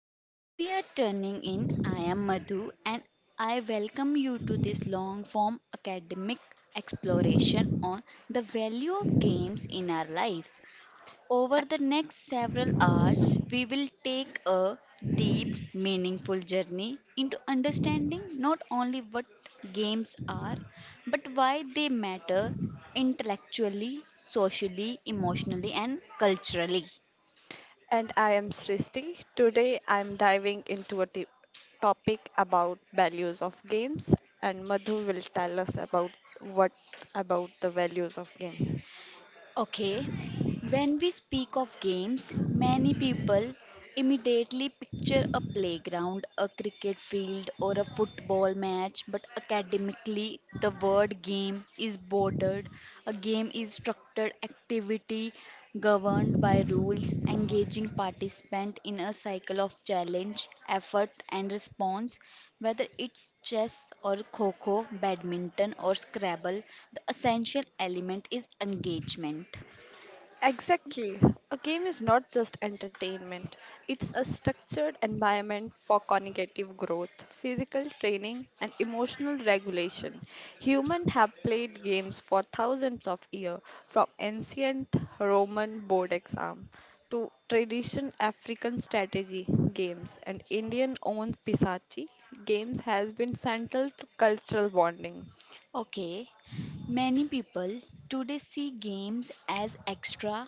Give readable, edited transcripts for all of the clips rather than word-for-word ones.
Whenever we are turning in, I am Madhu and I welcome you to this long form academic exploration on the value of games in our life. Over the next several hours, we will take a deep, meaningful journey into understanding not only what games are, but why they matter intellectually, socially, emotionally, and culturally. And I am Srishti. Today I'm diving into a topic about values of games, and Madhu will tell us about what about the values of game. Okay, when we speak of games, many people immediately picture a playground, a cricket field, or a football match, but academically, the word game is bordered. A game is structured activity governed by rules, engaging participant in a cycle of challenge, effort, and response. Whether it's chess or kho badminton or Scrabble, the essential element is engagement. Exactly. A game is not just entertainment, it's a structured environment for cognitive growth, physical training, and emotional regulation. Humans have played games for thousands of years, from ancient Roman board exam to tradition African strategy games, and Indian owned pisachi games has been central to cultural bonding. Okay, many people today see games as extra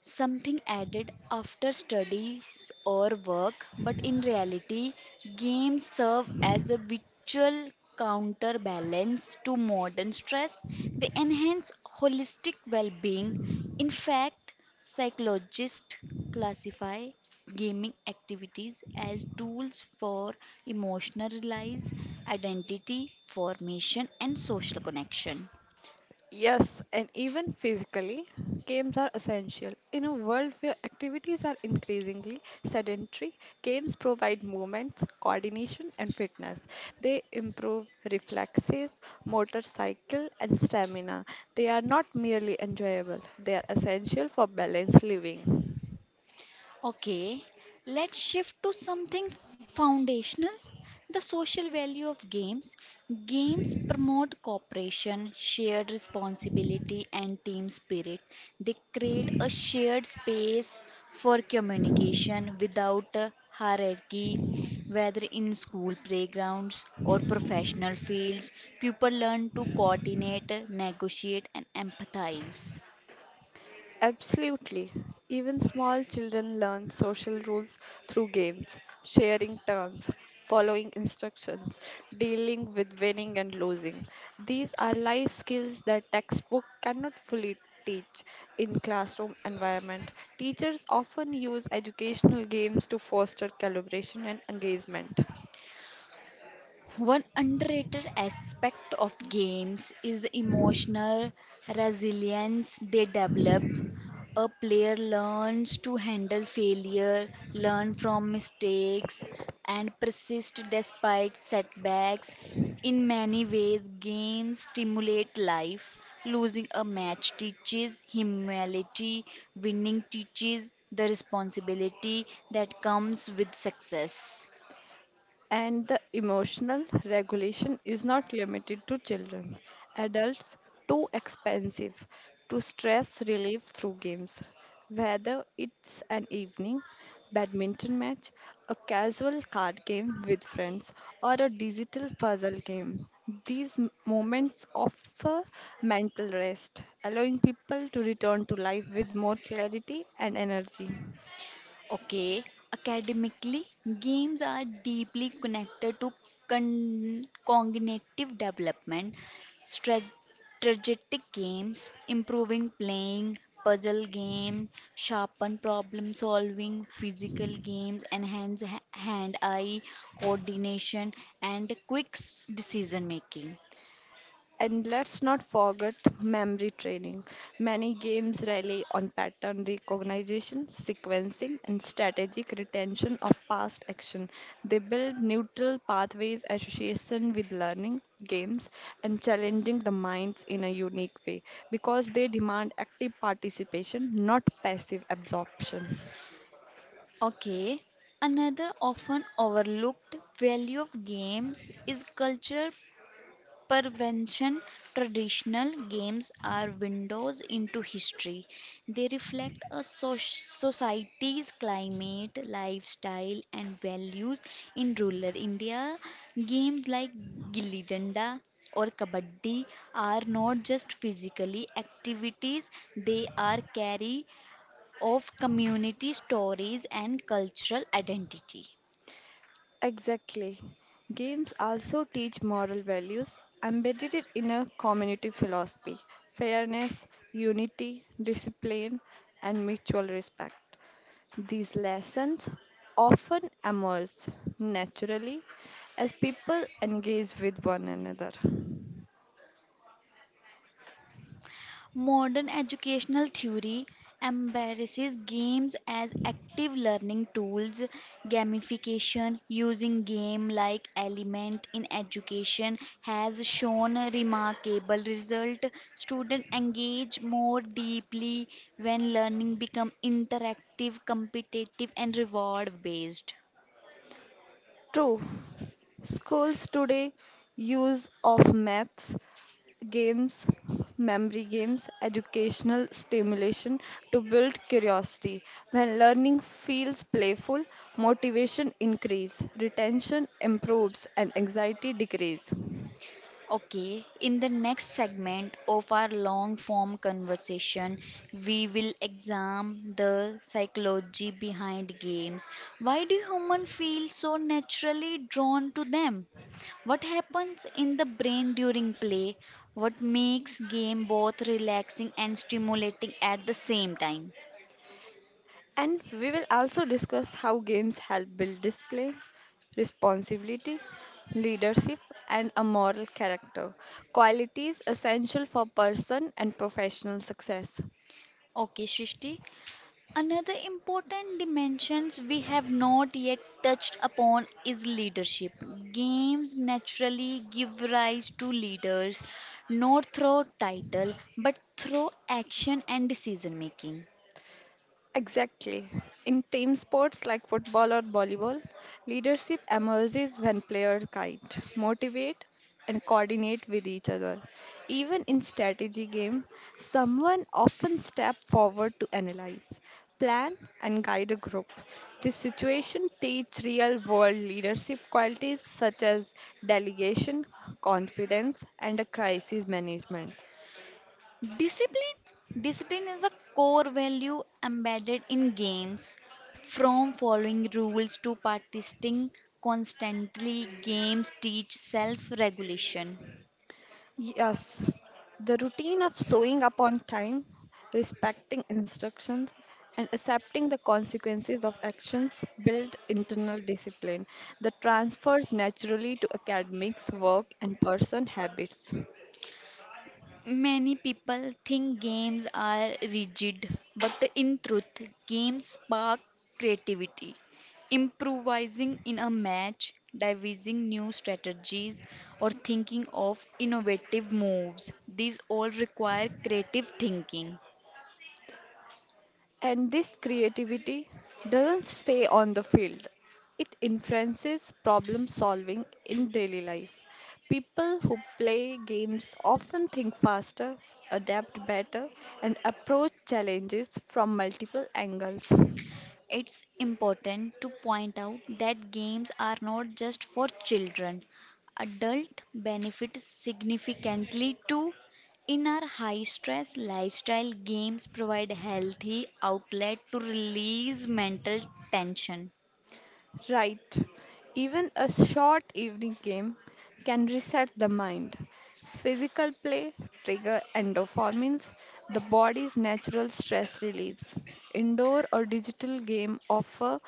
something added after studies or work, but in reality, games serve as a virtual counterbalance to modern stress. They enhance holistic well being. In fact, psychologists classify gaming activities as tools for emotional release, identity formation, and social connection. Yes, and even physically, games are essential. In a world where activities are increasingly sedentary, games provide movement, coordination, and fitness. They improve reflexes, motor cycle, and stamina. They are not merely enjoyable, they are essential for balanced living. Okay, let's shift to something foundational the social value of games. Games promote cooperation, shared responsibility, and team spirit. They create a shared space for communication without a hierarchy, whether in school playgrounds or professional fields. People learn to coordinate, negotiate, and empathize. Absolutely. Even small children learn social rules through games, sharing turns, following instructions, dealing with winning and losing. These are life skills that textbook cannot fully teach in classroom environment. Teachers often use educational games to foster collaboration and engagement. One underrated aspect of games is emotional resilience they develop. A player learns to handle failure, learn from mistakes, and persist despite setbacks. In many ways, games stimulate life. Losing a match teaches humility, winning teaches the responsibility that comes with success. And the emotional regulation is not limited to children. Adults too expensive to stress relief through games. Whether it's an evening badminton match, a casual card game with friends, or a digital puzzle game, these moments offer mental rest, allowing people to return to life with more clarity and energy. Okay, academically, games are deeply connected to cognitive development. Stra- strategic games, improving playing, puzzle game, sharpen problem solving, physical games, enhance hand-eye coordination, and quick decision making. And let's not forget memory training. Many games rely on pattern recognition, sequencing, and strategic retention of past action. They build neutral pathways association with learning, games, and challenging the minds in a unique way because they demand active participation, not passive absorption. Okay, another often overlooked value of games is cultural Prevention. Traditional games are windows into history. They reflect a society's climate, lifestyle, and values in rural India. Games like gilli danda or kabaddi are not just physically activities, they are carry of community stories and cultural identity. Exactly. Games also teach moral values embedded it in a community philosophy fairness, unity, discipline, and mutual respect. These lessons often emerge naturally as people engage with one another. Modern educational theory embraces games as active learning tools, gamification using game like element in education has shown a remarkable result. Students engage more deeply when learning become interactive, competitive and reward based. True. Schools today use of maths, games, memory games, educational stimulation to build curiosity. When learning feels playful, motivation increase, retention improves and anxiety decrease. Okay, in the next segment of our long form conversation, we will examine the psychology behind games. Why do humans feel so naturally drawn to them? What happens in the brain during play? What makes game both relaxing and stimulating at the same time? And we will also discuss how games help build display, responsibility, leadership, and a moral character. Qualities essential for person and professional success. Okay, Srishti, another important dimensions we have not yet touched upon is leadership. Games naturally give rise to leaders not through title but through action and decision making. Exactly. In team sports like football or volleyball, leadership emerges when players guide, motivate, and coordinate with each other. Even in strategy game, someone often step forward to analyze, plan, and guide a group. This situation teaches real-world leadership qualities such as delegation, confidence, and a crisis management. Discipline discipline is a core value embedded in games from following rules to participating constantly games teach self regulation. Yes, the routine of showing up on time, respecting instructions, and accepting the consequences of actions build internal discipline that transfers naturally to academics, work, and person habits. Many people think games are rigid, but in truth, games spark creativity. Improvising in a match, devising new strategies, or thinking of innovative moves, these all require creative thinking. And this creativity doesn't stay on the field. It influences problem solving in daily life. People who play games often think faster, adapt better, and approach challenges from multiple angles. It's important to point out that games are not just for children. Adults benefit significantly too. In our high stress lifestyle, games provide healthy outlet to release mental tension. Right. Even a short evening game can reset the mind. Physical play trigger endorphins, the body's natural stress relieves. Indoor or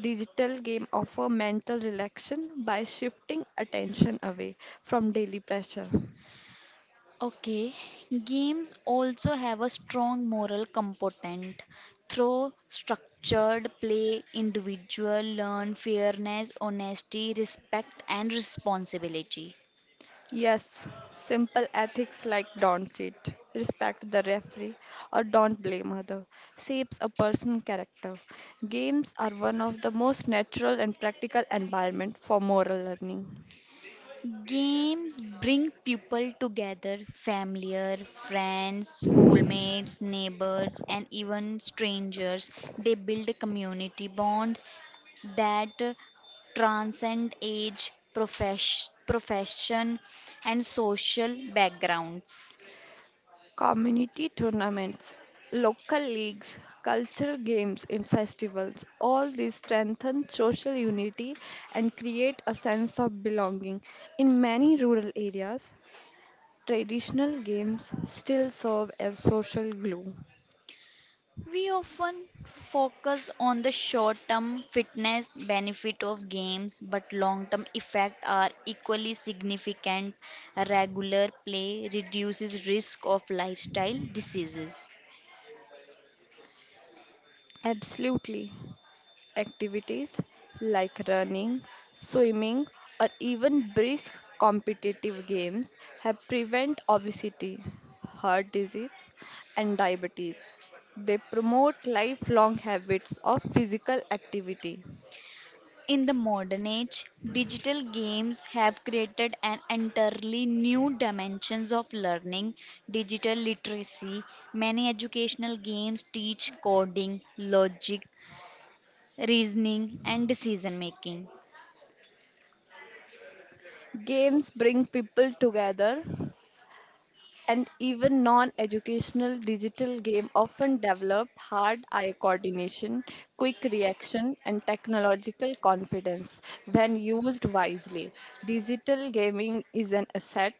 digital game offer mental relaxation by shifting attention away from daily pressure. Okay, games also have a strong moral component. Through structured play, individual learn fairness, honesty, respect, and responsibility. Yes, simple ethics like don't cheat, respect the referee, or don't blame other shapes a person's character. Games are one of the most natural and practical environment for moral learning. Games bring people together, familiar, friends, schoolmates, neighbors, and even strangers. They build community bonds that transcend age, profession, and social backgrounds. Community tournaments, local leagues, cultural games in festivals, all these strengthen social unity and create a sense of belonging. In many rural areas, traditional games still serve as social glue. We often focus on the short term fitness benefit of games, but long term effects are equally significant. Regular play reduces risk of lifestyle diseases. Absolutely. Activities like running, swimming, or even brisk competitive games have prevent obesity, heart disease, and diabetes. They promote lifelong habits of physical activity. In the modern age, digital games have created an entirely new dimensions of learning, digital literacy. Many educational games teach coding, logic, reasoning and decision making. Games bring people together, and even non educational digital game often developed hard eye coordination, quick reaction, and technological confidence when used wisely. Digital gaming is an asset.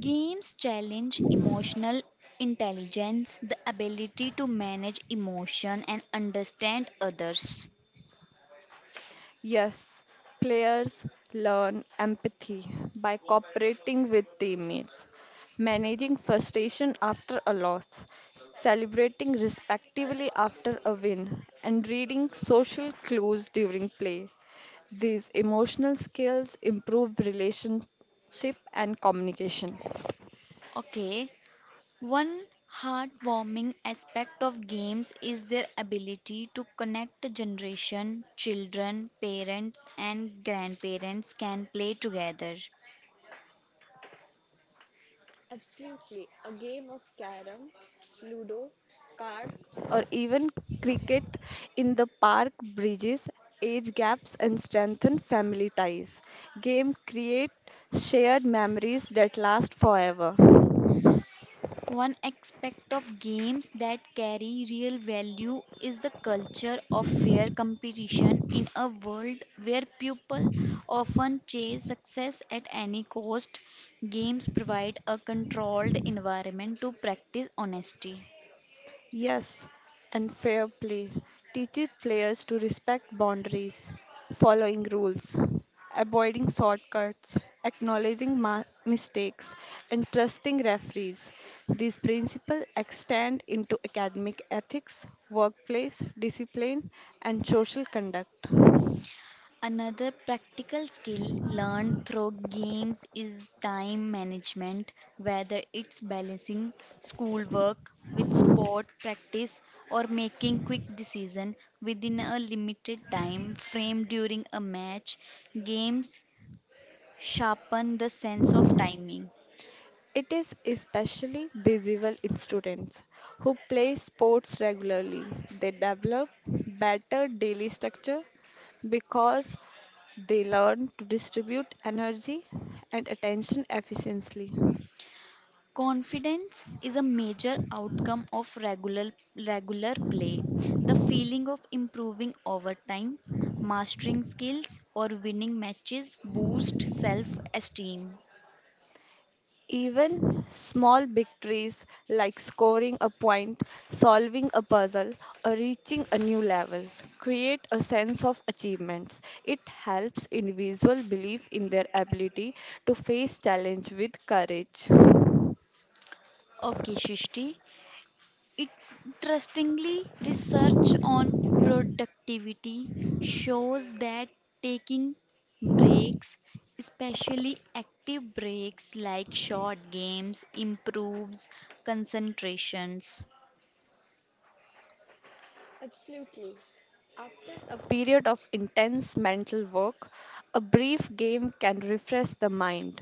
Games challenge emotional intelligence, the ability to manage emotion and understand others. Yes, players learn empathy by cooperating with teammates, managing frustration after a loss, celebrating respectively after a win, and reading social clues during play. These emotional skills improve relationship and communication. Okay, one heartwarming aspect of games is their ability to connect the generation, children, parents, and grandparents can play together. Ludo, cards, or even cricket in the park bridges age gaps and strengthen family ties. Game create shared memories that last forever. One aspect of games that carry real value is the culture of fair competition in a world where people often chase success at any cost. Games provide a controlled environment to practice honesty. Yes, and fair play teaches players to respect boundaries, following rules, avoiding shortcuts, acknowledging mistakes, and trusting referees. These principles extend into academic ethics, workplace discipline, and social conduct. Another practical skill learned through games is time management, whether it's balancing schoolwork with sport practice or making quick decisions within a limited time frame during a match. Games sharpen the sense of timing. It is especially visible in students who play sports regularly. They develop better daily structure because they learn to distribute energy and attention efficiently. Confidence is a major outcome of regular play. The feeling of improving over time, mastering skills or winning matches boosts self-esteem. Even small victories like scoring a point, solving a puzzle, or reaching a new level create a sense of achievements. It helps individuals believe in their ability to face challenge with courage. Okay, Shishti. Interestingly, research on productivity shows that taking breaks, especially active breaks like short games, improves concentrations. After a period of intense mental work, a brief game can refresh the mind.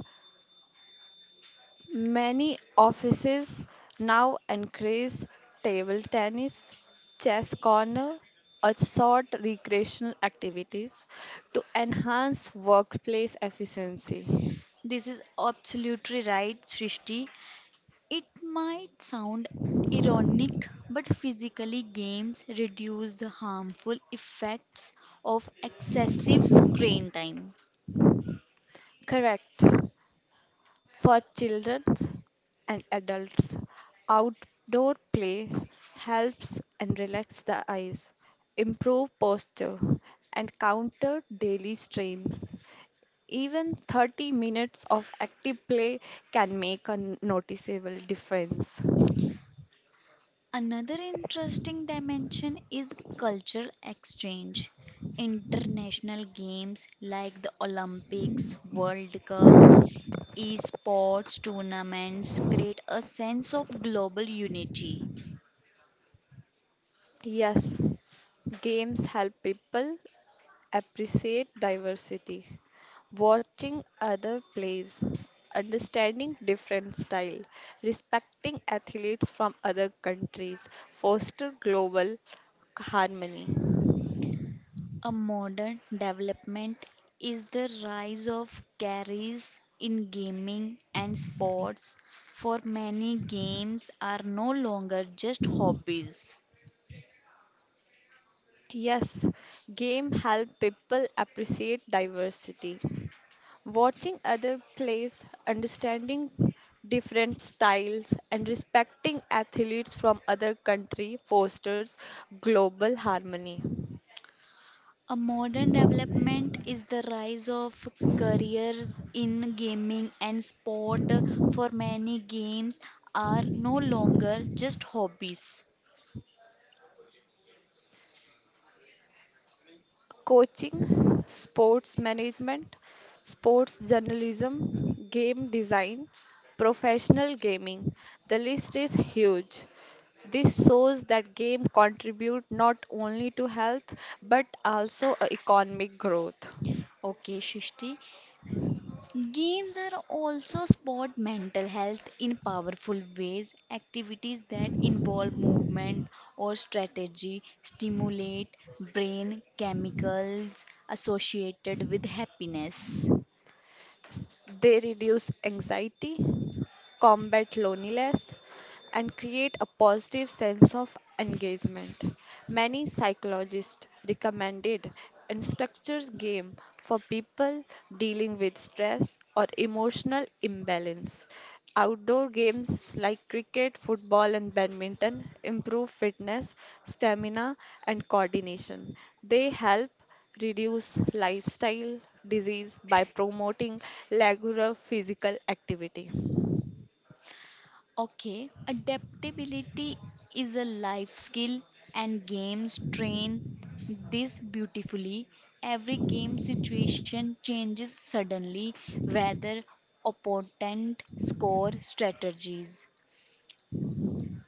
Many offices now encourage table tennis, chess corner, or short recreational activities to enhance workplace efficiency. This is absolutely right, Srishti. It might sound ironic, but physically, games reduce the harmful effects of excessive screen time. Correct. For children and adults, outdoor play helps and relax the eyes, improve posture, and counter daily strains. Even 30 minutes of active play can make a noticeable difference. Another interesting dimension is cultural exchange. International games like the Olympics, World Cups, esports tournaments create a sense of global unity. Yes, games help people appreciate diversity. Watching other plays, understanding different style, respecting athletes from other countries, foster global harmony. A modern development is the rise of carries in gaming and sports, for many games are no longer just hobbies. Yes, game help people appreciate diversity. Watching other plays, understanding different styles, and respecting athletes from other country fosters global harmony. A modern development is the rise of careers in gaming and sport, for many games are no longer just hobbies. Coaching, sports management, sports journalism, game design, professional gaming. The list is huge. This shows that game contribute not only to health but also economic growth. Okay, Shishti, games are also support mental health in powerful ways. Activities that involve movement or strategy stimulate brain chemicals associated with happiness. They reduce anxiety, combat loneliness, and create a positive sense of engagement. Many psychologists recommended and structured game for people dealing with stress or emotional imbalance. Outdoor games like cricket, football, and badminton improve fitness, stamina, and coordination. They help reduce lifestyle disease by promoting regular physical activity. Okay, adaptability is a life skill, and games train this beautifully. Every game situation changes suddenly, whether opponent score strategies.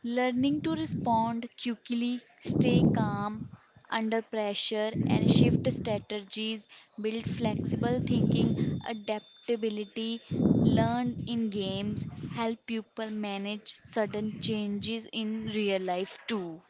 Learning to respond quickly, stay calm under pressure, and shift strategies build flexible thinking, adaptability. Learned in games help people manage sudden changes in real life too.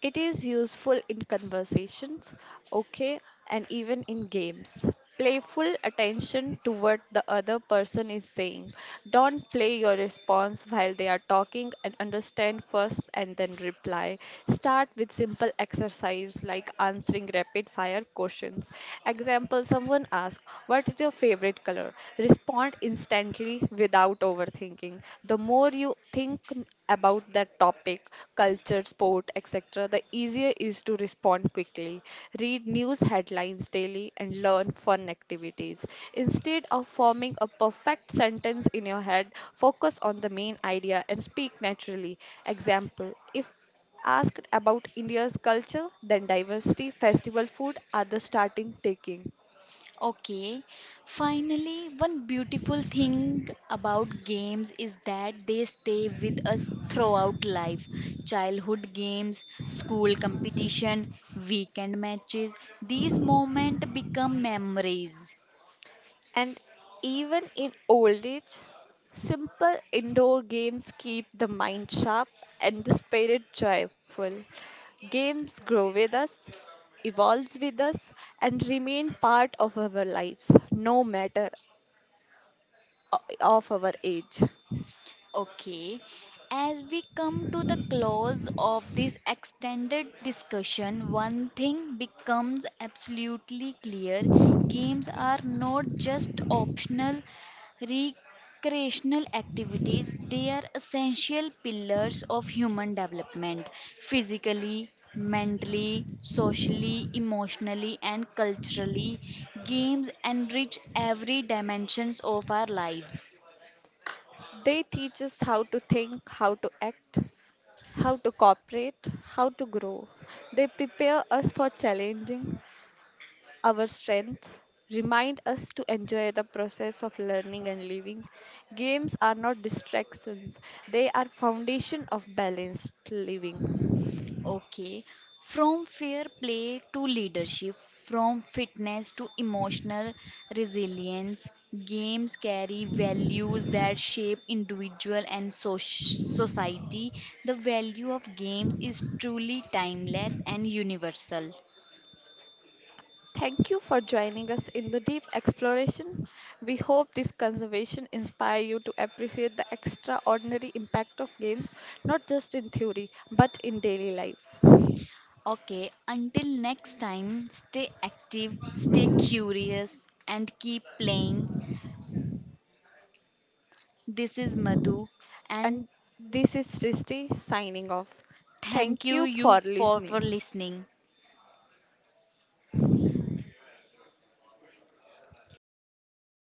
It is useful in conversations, okay, and even in games. Playful attention to what the other person is saying. Don't play your response while they are talking and understand first and then reply. Start with simple exercise like answering rapid fire questions. Example someone asks, "What is your favorite color?" Respond instantly without overthinking. The more you think about that topic, culture, sport, etc., the easier is to respond quickly. Read news headlines daily and learn fun activities. Instead of forming a perfect sentence in your head, focus on the main idea and speak naturally. Example if asked about India's culture, then diversity, festival food are the starting taking. Okay, finally, one beautiful thing about games is that they stay with us throughout life. Childhood games, school competition, weekend matches, these moments become memories. And even in old age, simple indoor games keep the mind sharp and the spirit joyful. Games grow with us, evolves with us, and remain part of our lives, no matter o- of our age. Okay, as we come to the close of this extended discussion, one thing becomes absolutely clear games are not just optional recreational activities, they are essential pillars of human development physically, mentally, socially, emotionally, and culturally. Games enrich every dimensions of our lives. They teach us how to think, how to act, how to cooperate, how to grow. They prepare us for challenging our strength, remind us to enjoy the process of learning and living. Games are not distractions, they are foundation of balanced living. Okay, from fair play to leadership, from fitness to emotional resilience, games carry values that shape individual and society. The value of games is truly timeless and universal. Thank you for joining us in the deep exploration. We hope this conservation inspire you to appreciate the extraordinary impact of games, not just in theory but in daily life. Okay, until next time, stay active, stay curious, and keep playing. This is Madhu, and And this is Srishti signing off. thank Thank you you you for for listening. listening.